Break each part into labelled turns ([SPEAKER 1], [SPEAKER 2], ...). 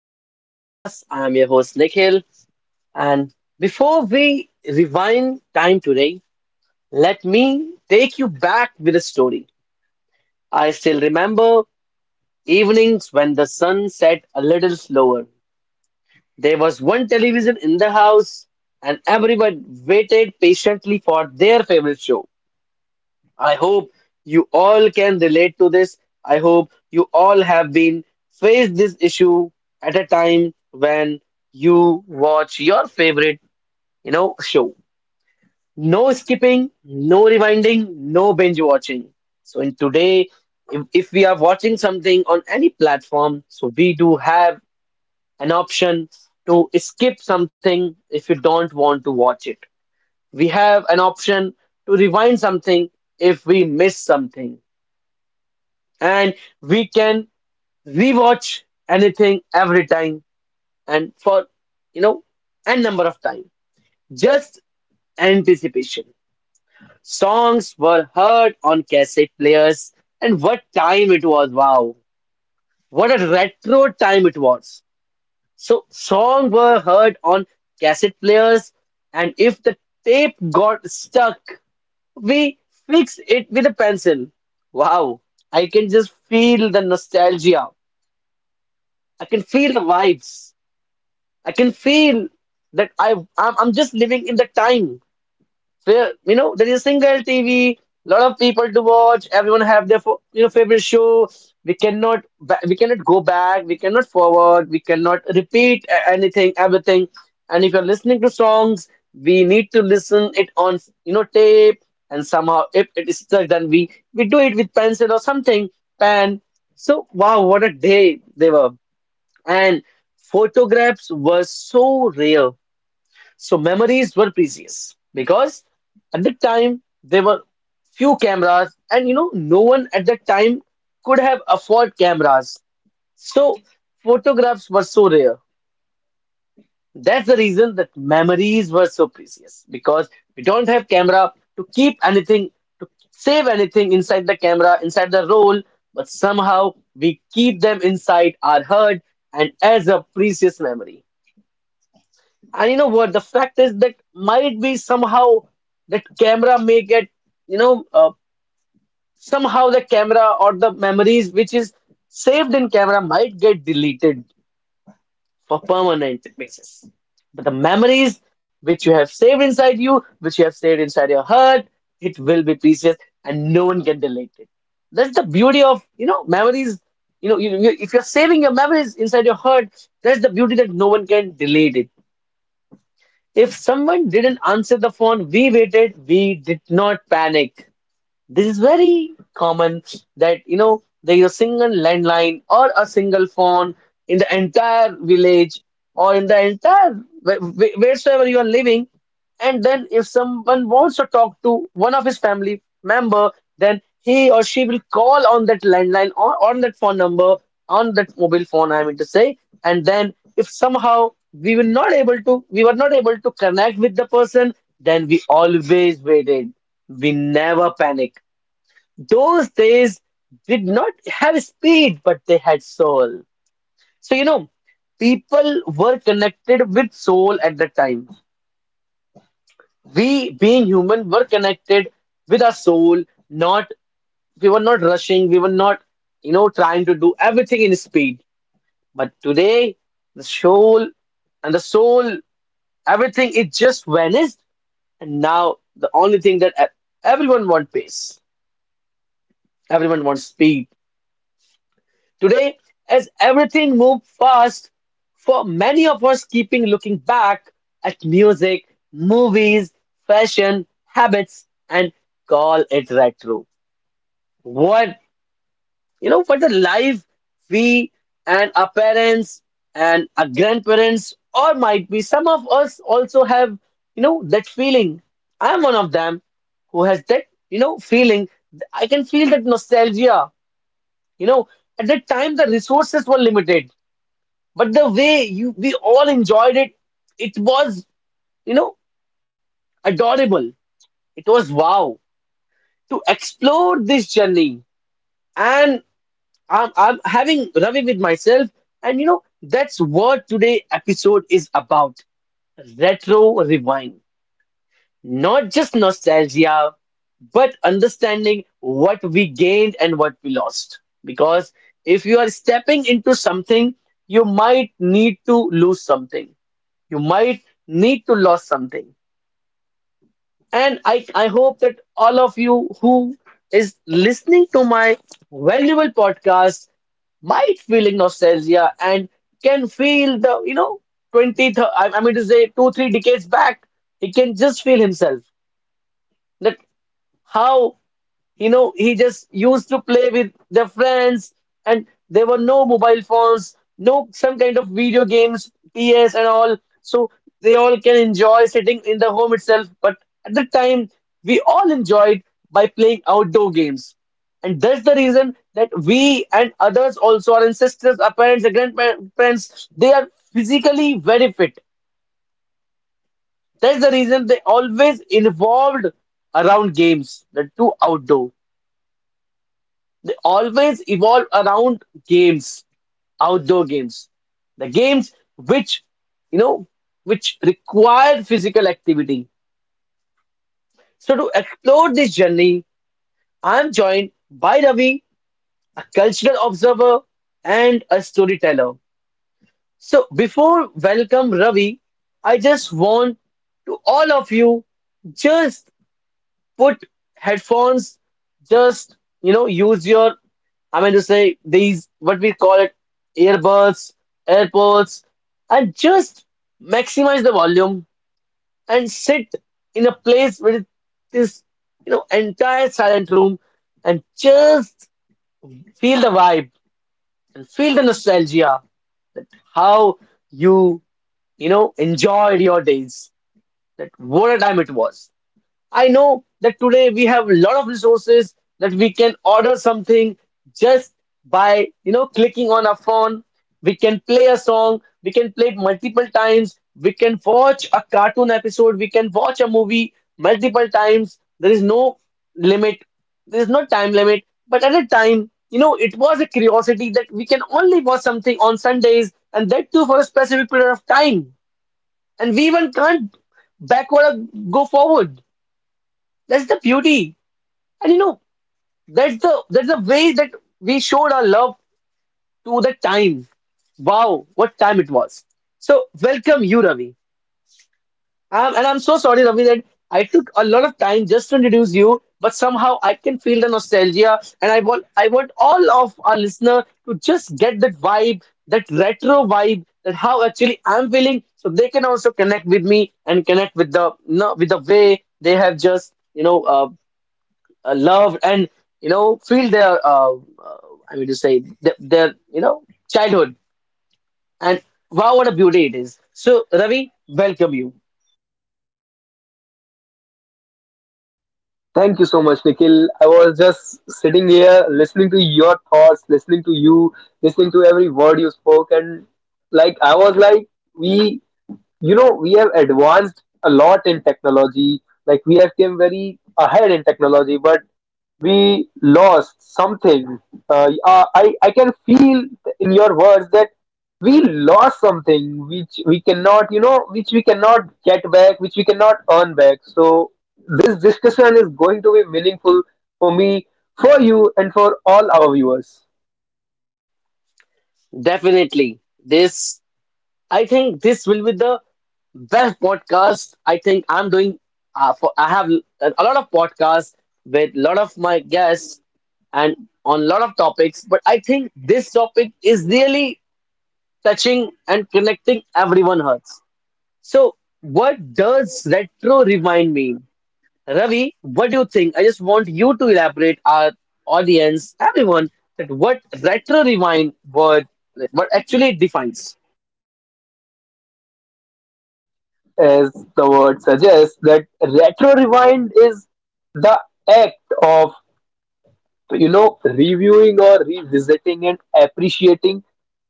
[SPEAKER 1] to my podcast. I'm your host, Nikhil. And before we rewind time today, let me take you back with a story. I still remember evenings when the sun set a little slower. There was one television in the house, and everyone waited patiently for their favorite show. I hope you all can relate to this. I hope you all have been faced this issue at a time when you watch your favorite, show. No skipping, no rewinding, no binge watching. So in today, if we are watching something on any platform, so we do have an option to skip something if you don't want to watch it. We have an option to rewind something if we miss something, and we can rewatch anything every time and for you know n number of time. Just anticipation. Songs were heard on cassette players, and what time it was. Wow, what a retro time it was. So songs were heard on cassette players, and if the tape got stuck, we fixed it with a pencil. Wow, I can just feel the nostalgia. I can feel the vibes. I can feel that I'm just living in the time where there is single TV, lot of people to watch. Everyone have their favorite show. We cannot go back. We cannot forward. We cannot repeat anything, everything. And if you're listening to songs, we need to listen it on tape. And somehow, if it is stuck, then we do it with pencil or something, pen. So wow, what a day they were, and photographs were so rare. So memories were precious because at that time there were few cameras, and no one at that time could have afford cameras. So photographs were so rare. That's the reason that memories were so precious because we don't have camera to keep anything, to save anything inside the camera, inside the roll, but somehow we keep them inside our heart and as a precious memory. And you know what? The fact is that might be somehow that camera may get, you know, uh, somehow, the camera or the memories which is saved in camera might get deleted for permanent basis. But the memories which you have saved inside you, which you have saved inside your heart, it will be precious and no one can delete it. That's the beauty of memories. If you're saving your memories inside your heart, that's the beauty that no one can delete it. If someone didn't answer the phone, we waited, we did not panic. This is very common that there is a single landline or a single phone in the entire village or in the entire wheresoever you are living. And then if someone wants to talk to one of his family member, then he or she will call on that landline or on that phone number on that mobile phone. I mean to say, and then if somehow we were not able to connect with the person, then we always waited. We never panic. Those days did not have speed, but they had soul. So, people were connected with soul at the time. We, being human, were connected with our soul, not we were not rushing, we were not, trying to do everything in speed. But today, the soul and the soul, everything, it just vanished. And now the only thing that everyone wants pace, everyone wants speed. Today, as everything moves fast, for many of us keeping looking back at music, movies, fashion, habits, and call it retro. What what the life we and our parents and our grandparents, or might be some of us also have that feeling. I'm one of them who has that feeling. I can feel that nostalgia. You know, at that time the resources were limited, but the way you we all enjoyed it, it was, you know, adorable. It was wow to explore this journey. And I'm having Ravi with myself. And that's what today episode is about. Retro rewind. Not just nostalgia, but understanding what we gained and what we lost. Because if you are stepping into something, you might need to lose you might something and I hope that all of you who is listening to my valuable podcast might feeling nostalgia and can feel the 20 I mean to say two three decades back. He can just feel himself that how he just used to play with their friends, and there were no mobile phones, no some kind of video games, ps and all. So they all can enjoy sitting in the home itself, but at the time we all enjoyed by playing outdoor games. And that's the reason that we and others, also our ancestors, our parents, our grandparents, they are physically very fit. That's the reason they always involved around games, the two outdoor. They always evolve around games, outdoor games, the games you know, which require physical activity. So to explore this journey, I'm joined by Ravi, a cultural observer and a storyteller. So before welcome Ravi, I just want to all of you just put headphones, just use your, I mean to say, these what we call it, earbuds, AirPods, and just maximize the volume and sit in a place where this entire silent room, and just feel the vibe and feel the nostalgia that how you you know enjoyed your days, that what a time it was. I know that today we have a lot of resources that we can order something just by clicking on a phone. We can play a song, we can play it multiple times, we can watch a cartoon episode, we can watch a movie multiple times. There is no limit, there is no time limit. But at a time, it was a curiosity that we can only watch something on Sundays and that too for a specific period of time. And we even can't backward or go forward. That's the beauty. And that's the way that we showed our love to the time. Wow, what time it was. So welcome you, Ravi. And I'm so sorry, Ravi, that I took a lot of time just to introduce you, but somehow I can feel the nostalgia, and I want all of our listener to just get that vibe, that retro vibe, that how actually I'm feeling, so they can also connect with me and connect with the no, with the way they have just loved, and feel their uh, I mean to say their, childhood, and wow what a beauty it is. So Ravi, welcome you.
[SPEAKER 2] Thank you so much, Nikhil. I was just sitting here listening to your thoughts, listening to you, listening to every word you spoke, and like I was like, we we have advanced a lot in technology, like we have came very ahead in technology, but we lost something. I can feel in your words that we lost something which we cannot, which we cannot get back, which we cannot earn back. So this discussion is going to be meaningful for me, for you, and for all our viewers.
[SPEAKER 1] Definitely, this I think this will be the best podcast I think I'm doing. For I have a lot of podcasts with a lot of my guests and on a lot of topics, but I think this topic is really touching and connecting everyone hearts. So, what does retro rewind mean? Ravi, what do you think? I just want you to elaborate our audience, everyone, that what retro rewind word, like, what actually it defines.
[SPEAKER 2] As the word suggests, that retro rewind is the act of, you know, reviewing or revisiting and appreciating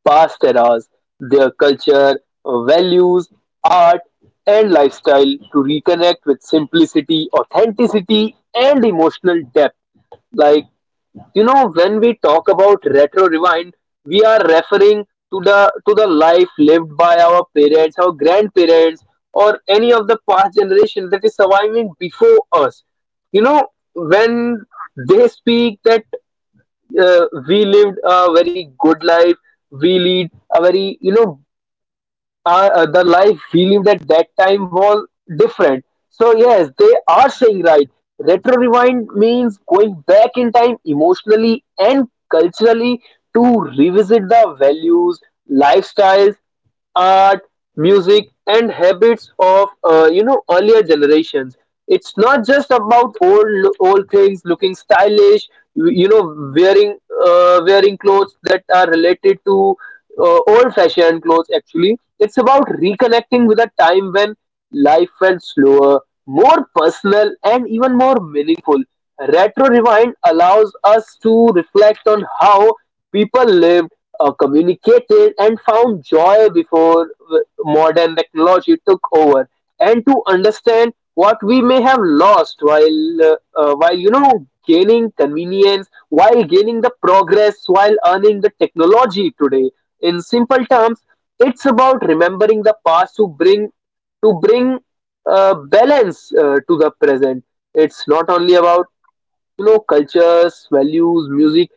[SPEAKER 2] past eras, their culture, values, art, and lifestyle to reconnect with simplicity, authenticity, and emotional depth. Like, you know, when we talk about retro rewind, we are referring to the life lived by our parents, our grandparents, or any of the past generation that is surviving before us. You know, when they speak that we lived a very good life, we lead a very, you know, the life we lived at that time was different. So yes, they are saying right. Retro rewind means going back in time emotionally and culturally to revisit the values, lifestyles, art, music, and habits of, you know, earlier generations. It's not just about old things looking stylish, you know, wearing wearing clothes that are related to old fashioned clothes actually. It's about reconnecting with a time when life felt slower, more personal, and even more meaningful. Retro Rewind allows us to reflect on how people lived, communicated, and found joy before modern technology took over and to understand what we may have lost while while, you know, gaining convenience, while gaining the progress, while earning the technology today. In simple terms, it's about remembering the past to bring balance to the present. It's not only about, you know, cultures, values, music,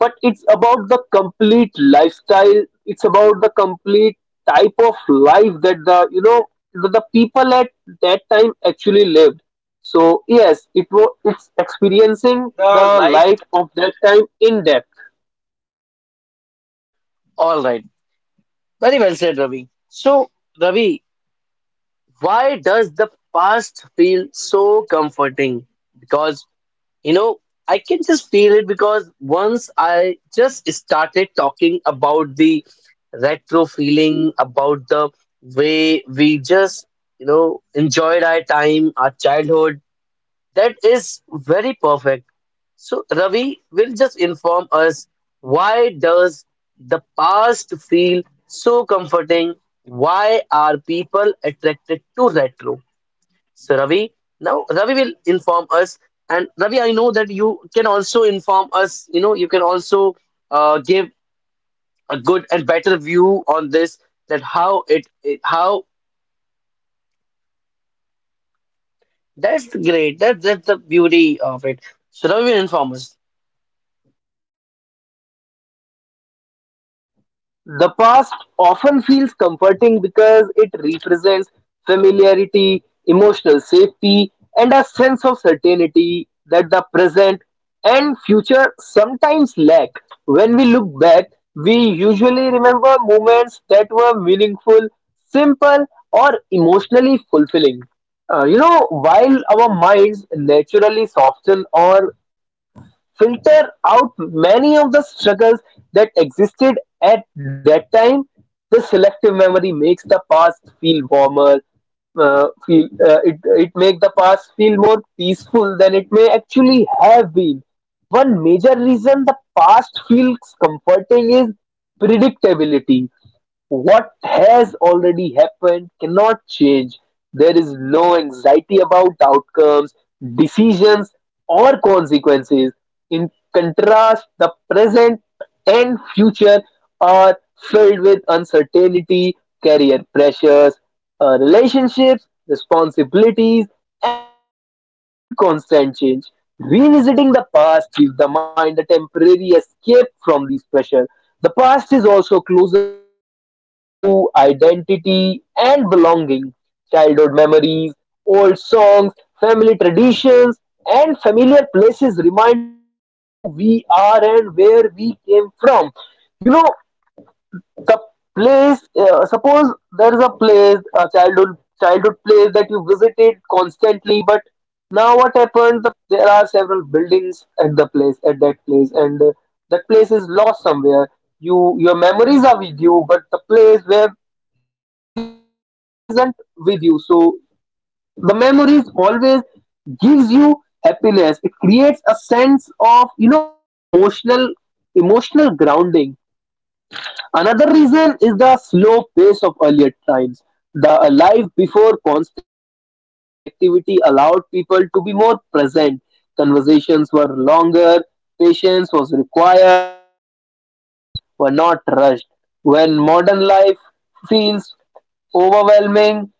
[SPEAKER 2] but it's about the complete lifestyle, it's about the complete type of life that the people at that time actually lived. So yes, it's experiencing the
[SPEAKER 1] The life.
[SPEAKER 2] life of that time in depth.
[SPEAKER 1] All right. Very well said, Ravi. So, Ravi, why does the past feel so comforting? Because. You know, I can just feel it because once I just started talking about the retro feeling, about the way we just enjoyed our time, our childhood, that is very perfect. So, Ravi will just inform us why does the past feel so comforting? Why are people attracted to retro? So Ravi, now Ravi will inform us, and Ravi, I know that you can also inform us. You can also give a good and better view on this. That how it how that's great. That's the beauty of it. So Ravi will inform us.
[SPEAKER 2] The past often feels comforting because it represents familiarity, emotional safety, and a sense of certainty that the present and future sometimes lack. When we look back, we usually remember moments that were meaningful, simple, or emotionally fulfilling. You know, while our minds naturally soften or filter out many of the struggles that existed at that time. The selective memory makes the past feel warmer, feel it it make the past feel more peaceful than it may actually have been. One major reason the past feels comforting is predictability. What has already happened cannot change. There is no anxiety about outcomes, decisions, or consequences. In contrast, the present and future are filled with uncertainty, career pressures, our relationships, responsibilities, and constant change. Revisiting the past gives the mind a temporary escape from these pressure. The past is also closely tied to identity and belonging. Childhood memories, old songs, family traditions, and familiar places remind us of who we are and where we came from. You know, the place, suppose there is a place, a childhood place that you visited constantly, but now what happened, there are several buildings at the place at that place, and that place is lost somewhere. You, your memories are with you, but the place where these memories were made isn't with you. So the memories always gives you happiness. It creates a sense of, you know, emotional grounding. Another reason is the slow pace of earlier times. The life before constant digital connectivity allowed people to be more present. Conversations were longer, patience was required, and the experience were not rushed. When modern life feels overwhelming,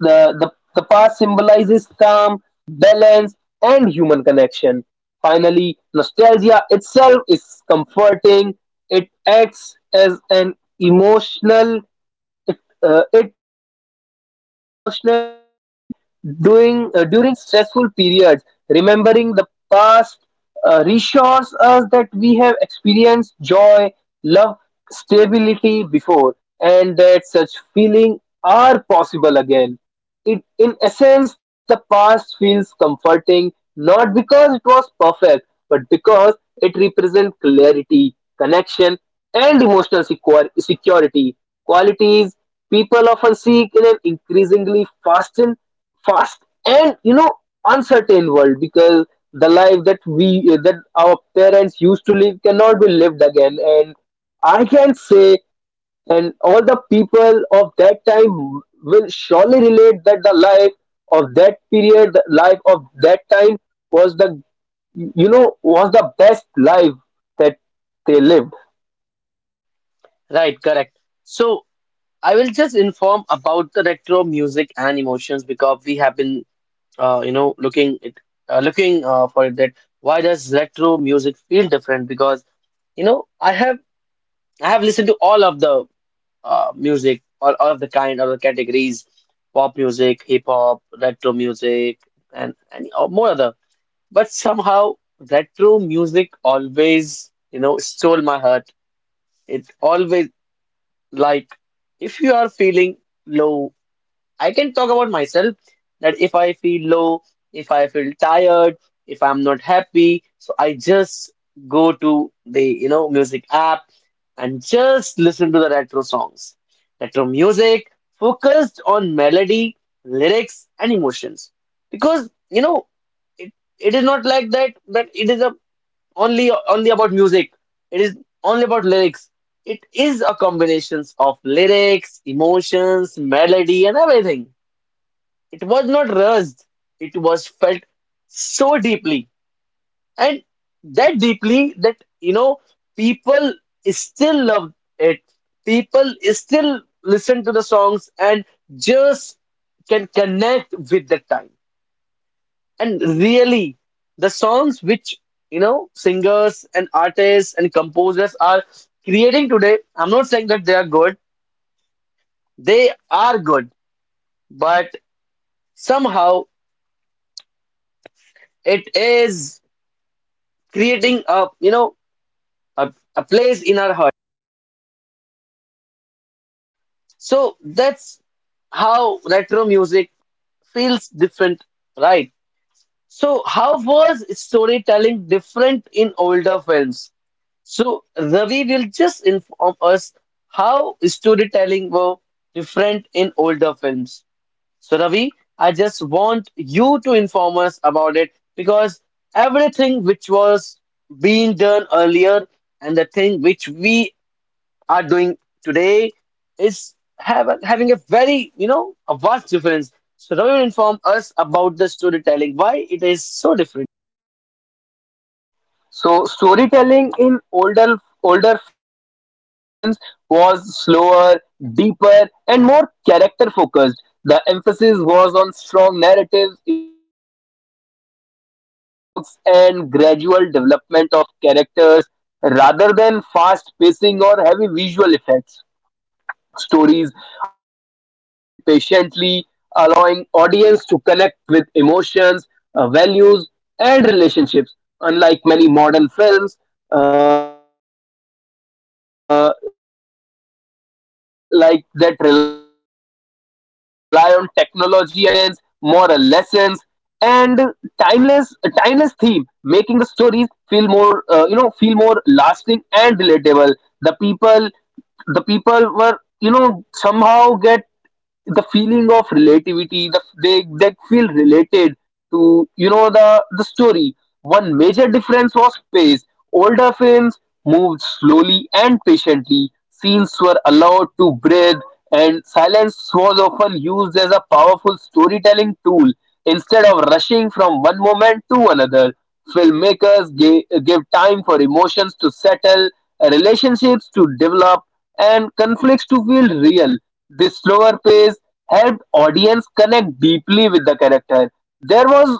[SPEAKER 2] the, the, the past symbolizes calm, balance, and human connection. Finally, nostalgia itself is comforting. It acts as an emotional it, it acts as an emotional cushion during during stressful periods. Remembering the past reassures us that we have experienced joy, love, stability before, and that such feelings are possible again. In essence, the past feels comforting not because it was perfect, but because it represents clarity, connection, and emotional security, qualities people often seek in an increasingly fast and, you know, uncertain world, because the life that we that our parents used to live cannot be lived again. And I can say, and all the people of that time will surely relate that the life of that time was the, you know, was the best life that they lived.
[SPEAKER 1] Right, correct. So I will just inform about the retro music and emotions because we have been, uh, you know, looking it, looking for it. That why does retro music feel different? Because you know, I have I have listened to all of the music, all of the kind, all the categories, pop music, hip hop, retro music, and more other. But somehow retro music always stole my heart. It always like if you are feeling low I can talk about myself that if I feel low, if I feel tired, if I'm not happy, so I just go to the music app and just listen to the retro songs. Retro music focused on melody, lyrics, and emotions. Because you know it, it is not like that it is a only only about music. It is only about lyrics. It is a combinations of lyrics, emotions, melody, and everything. It was not rushed. It was felt so deeply. And that deeply that, you know, people still love it. People still listen to the songs and just can connect with the time. And really, the songs which, you know, singers and artists and composers are creating today, I'm not saying that they are good, but somehow it is. Creating a a place in our heart, so that's how retro music feels different, right? So how was storytelling different in older films? So Ravi will just inform us how storytelling were different in older films. So Ravi, I just want you to inform us about it, because everything which was being done earlier and the thing which we are doing today is having a very, you know, a vast difference. So Ravi will inform us about the storytelling, why it is so different.
[SPEAKER 2] So storytelling in older films was slower, deeper, and more character focused. The emphasis was on strong narratives, emotional depth, meaningful dialogues, and gradual development of characters rather than fast pacing or heavy visual effects. Stories unfolded patiently, allowing audience to connect with emotions, values, and relationships. Unlike many modern films, like that rely on technology and quick thrills, older films focused on human experience, moral lessons, and timeless timeless theme, making the stories feel more, you know, feel more lasting and relatable. The people the people were, you know, somehow get the feeling of relativity, they feel related to, you know, the story. One major difference was pace. Older films moved slowly and patiently. Scenes were allowed to breathe, and silence was often used as a powerful storytelling tool. Instead of rushing from one moment to another, filmmakers gave time for emotions to settle, relationships to develop, and conflicts to feel real. This slower pace helped audience connect deeply with the character. There was,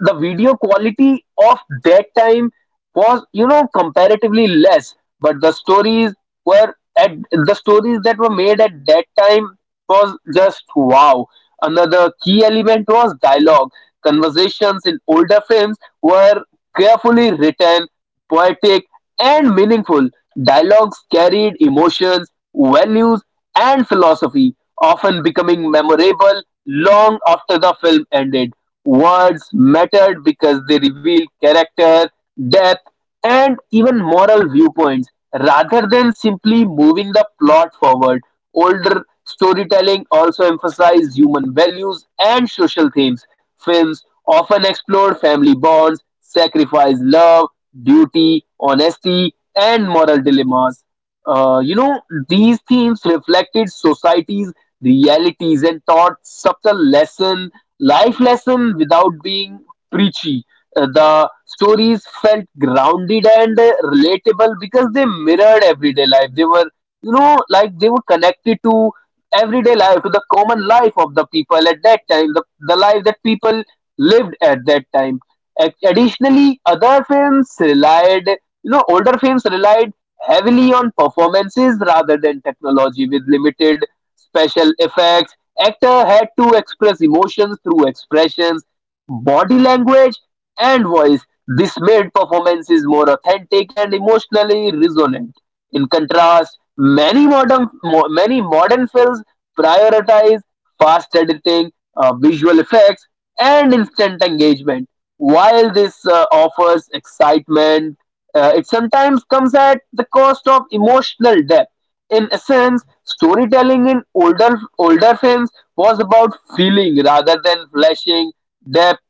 [SPEAKER 2] the video quality of that time was, you know, comparatively less, but the stories that were made at that time was just wow. Another key element was dialogue. Conversations in older films were carefully written, poetic, and meaningful. Dialogues carried emotions, values, and philosophy, often becoming memorable long after the film ended. Words mattered because they revealed character, depth, and even moral viewpoints rather than simply moving the plot forward. Older storytelling also emphasized human values and social themes. Films often explored family bonds, sacrifice, love, duty, honesty, and moral dilemmas. You know, these themes reflected society's realities and taught subtle lesson, life lesson without being preachy. The stories felt grounded and relatable because they mirrored everyday life. They were, you know, like they were connected to everyday life, to the common life of the people at that time, the life that people lived at that time. Additionally, other films relied you know older films relied heavily on performances rather than technology, with limited special effects. Actor had to express emotions through expressions, body language, and voice. This made performances more authentic and emotionally resonant. In contrast, many many modern films prioritize fast editing, visual effects, and instant engagement. While this offers excitement, it sometimes comes at the cost of emotional depth. In essence, storytelling in older films was about feeling rather than flashing, depth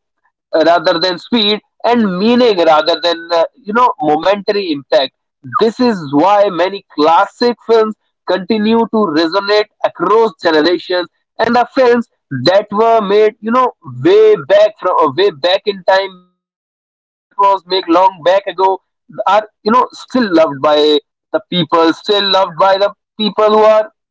[SPEAKER 2] rather than speed, and meaning rather than, you know, momentary impact. This is why many classic films continue to resonate across generations, and are films that were made, you know, way back from, way back in time, that was made long back ago, are, you know, still loved by the people who are,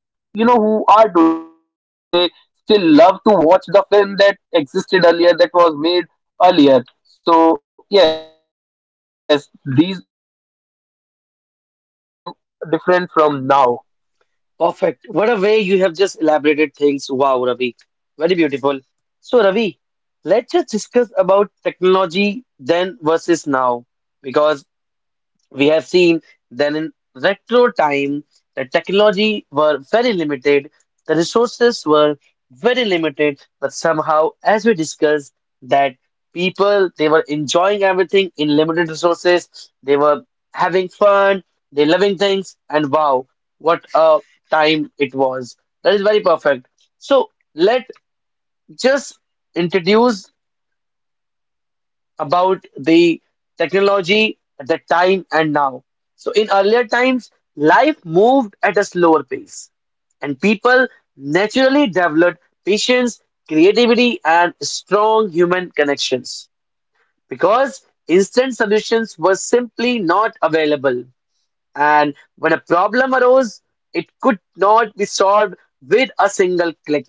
[SPEAKER 2] you know, who are today, they still love to watch the film that existed earlier, that was made earlier. So yes, these are some things that makes the storytelling different from, now.
[SPEAKER 1] Perfect. What a way you have just elaborated things. Wow, Ravi, very beautiful. So Ravi, let's just discuss about technology then versus now, because we have seen that in retro time, the technology were very limited, the resources were very limited, but somehow, as we discussed, that people they were enjoying everything in limited resources, they were having fun, they loving things, and wow, what a time it was. That is very perfect. So let just introduce about the technology at that time and now. So, in earlier times, life moved at a slower pace, and people naturally developed patience, creativity, and strong human connections because instant solutions were simply not available. And when a problem arose, it could not be solved with a single click,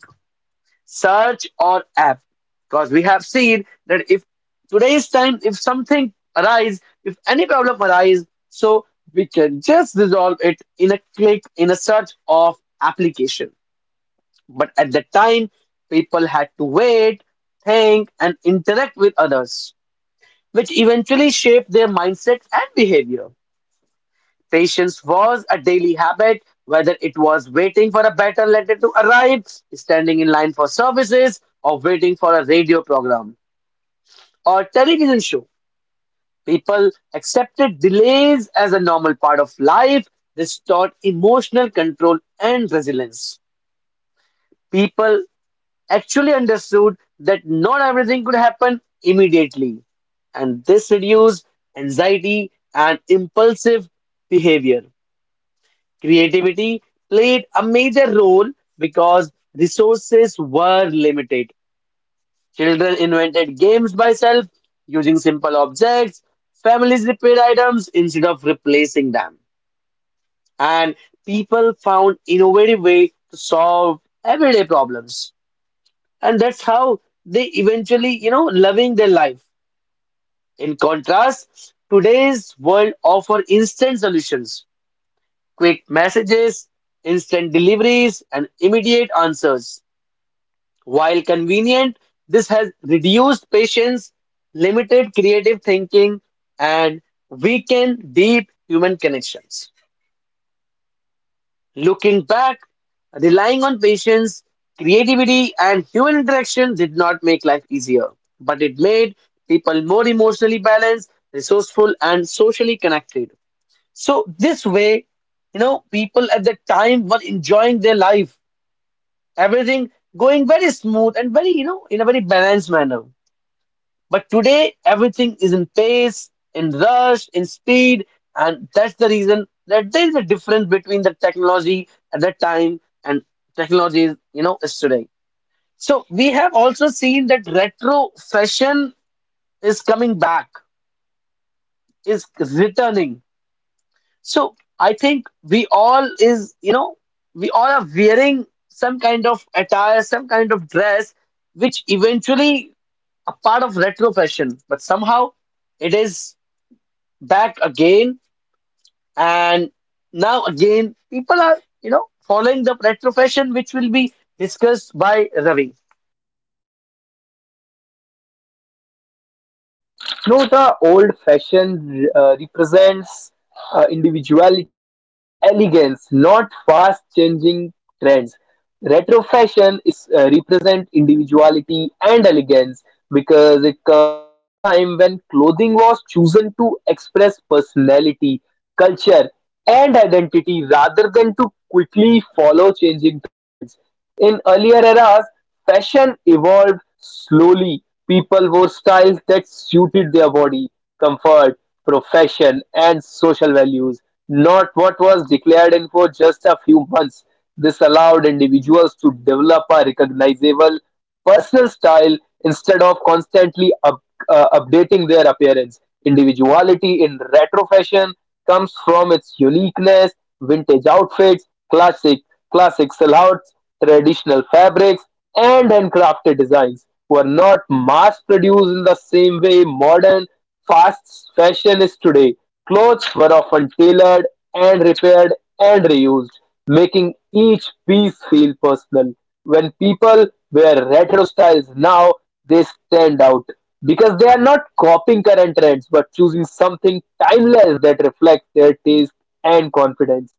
[SPEAKER 1] search or app. Because we have seen that if today's time, if something arise, if any problem arise, so we can just resolve it in a click, in a search of application. But at that time, people had to wait, think and interact with others, which eventually shaped their mindset and behavior. Patience was a daily habit, whether it was waiting for a better letter to arrive, standing in line for services, or waiting for a radio program or television show. People accepted delays as a normal part of life. This taught emotional control and resilience. People actually understood that not everything could happen immediately, and this reduced anxiety and impulsive behavior. Creativity played a major role because resources were limited. Children invented games by self using simple objects. Families repaired items instead of replacing them. And people found innovative way to solve everyday problems. And that's how they eventually, you know, loving their life. In contrast, today's world offer instant solutions, quick messages, instant deliveries, and immediate answers. While convenient, this has reduced patience, limited creative thinking, and weakened deep human connections. Looking back, relying on patience, creativity, and human interaction did not make life easier, but it made people more emotionally balanced, resourceful, and socially connected. So this way, you know, people at that time were enjoying their life, everything going very smooth and very, you know, in a very balanced manner. But today, everything is in pace, in rush, in speed, and that's the reason that there is a difference between the technology at that time and technology, you know, is today. So we have also seen that retro fashion is coming back, is returning. So I think we all is, you know, we all are wearing some kind of attire, some kind of dress, which eventually a part of retro fashion, but somehow it is back again. And now again, people are, you know, following the retro fashion, which will be discussed by Ravi.
[SPEAKER 2] No, the old fashion represents individuality and elegance, not fast changing trends. Retro fashion is, represent individuality and elegance because it comes from a time when clothing was chosen to express personality, culture, and identity rather than to quickly follow changing trends. In earlier eras, fashion evolved slowly. People wore styles that suited their body, comfort, profession, and social values, not what was declared in for just a few months. This allowed individuals to develop a recognizable personal style instead of constantly updating their appearance. Individuality in retro fashion comes from its uniqueness. Vintage outfits, classic classic silhouettes, traditional fabrics, and handcrafted designs were not mass produced in the same way modern fast fashion is today. Clothes were often tailored and repaired and reused, making each piece feel personal. When people wear retro styles now, they stand out because they are not copying current trends but choosing something timeless that reflects their taste and confidence.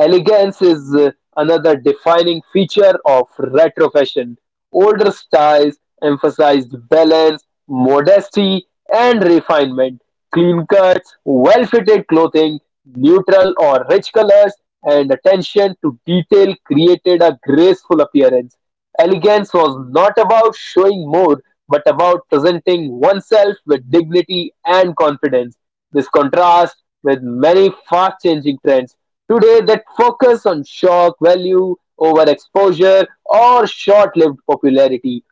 [SPEAKER 2] Elegance is, another defining feature of retro fashion. Older styles emphasized balance, modesty, and refinement. Clean cuts, well fitted clothing, neutral or rich colors, and attention to detail created a graceful appearance. Elegance was not about showing more, but about presenting oneself with dignity and confidence. This contrasts with many fast-changing trends today that focus on shock value over exposure or short-lived popularity.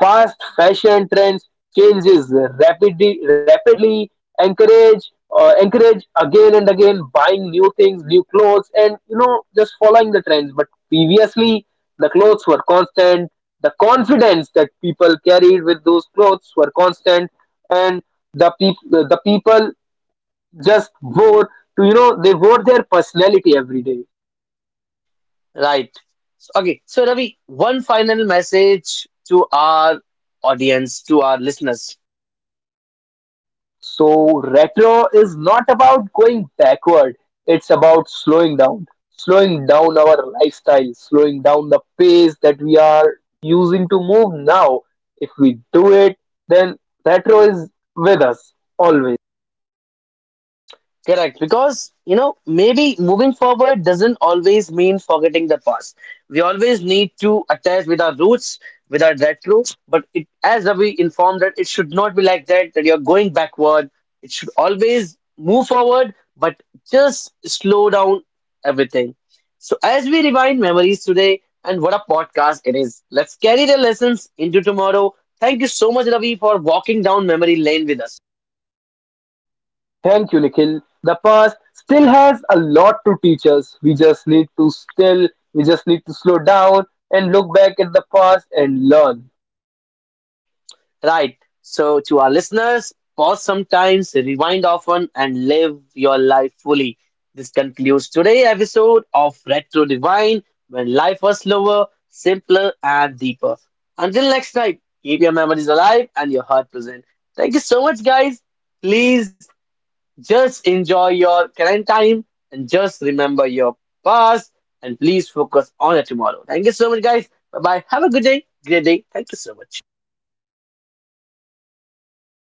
[SPEAKER 2] Fast fashion trends changes rapidly encourage, encourage again and again buying new things, new clothes, and, you know, just following the trends. But previously, the clothes were constant. The confidence that people carried with those clothes were constant, and the people just vote to, you know, they vote their personality every day.
[SPEAKER 1] Right. So, okay. So Ravi, one final message to our audience, to our listeners.
[SPEAKER 2] So retro is not about going backward. It's about slowing down, slowing down our lifestyle, slowing down the pace that we are using to move now. If we do it, then retro is with us always.
[SPEAKER 1] Correct, because you know, maybe moving forward doesn't always mean forgetting the past. We always need to attach with our roots, with our retro, but it, as Ravi informed, that it should not be like that, that you're going backward. It should always move forward, but just slow down everything. So as we rewind memories today, and what a podcast it is. Let's carry the lessons into tomorrow. Thank you so much, Ravi, for walking down memory lane with us.
[SPEAKER 2] Thank you, Nikhil. The past still has a lot to teach us. We just need to slow down and look back at the past and learn.
[SPEAKER 1] Right. So, to our listeners, pause sometimes, rewind often, and live your life fully. This concludes today's episode of Retro Divine, when life was slower, simpler, and deeper. Until next time, keep your memories alive and your heart present. Thank you so much, guys. Please just enjoy your current time and just remember your past and please focus on it tomorrow. Thank you so much, guys. Bye bye. Have a good day. Great day. Thank you so much.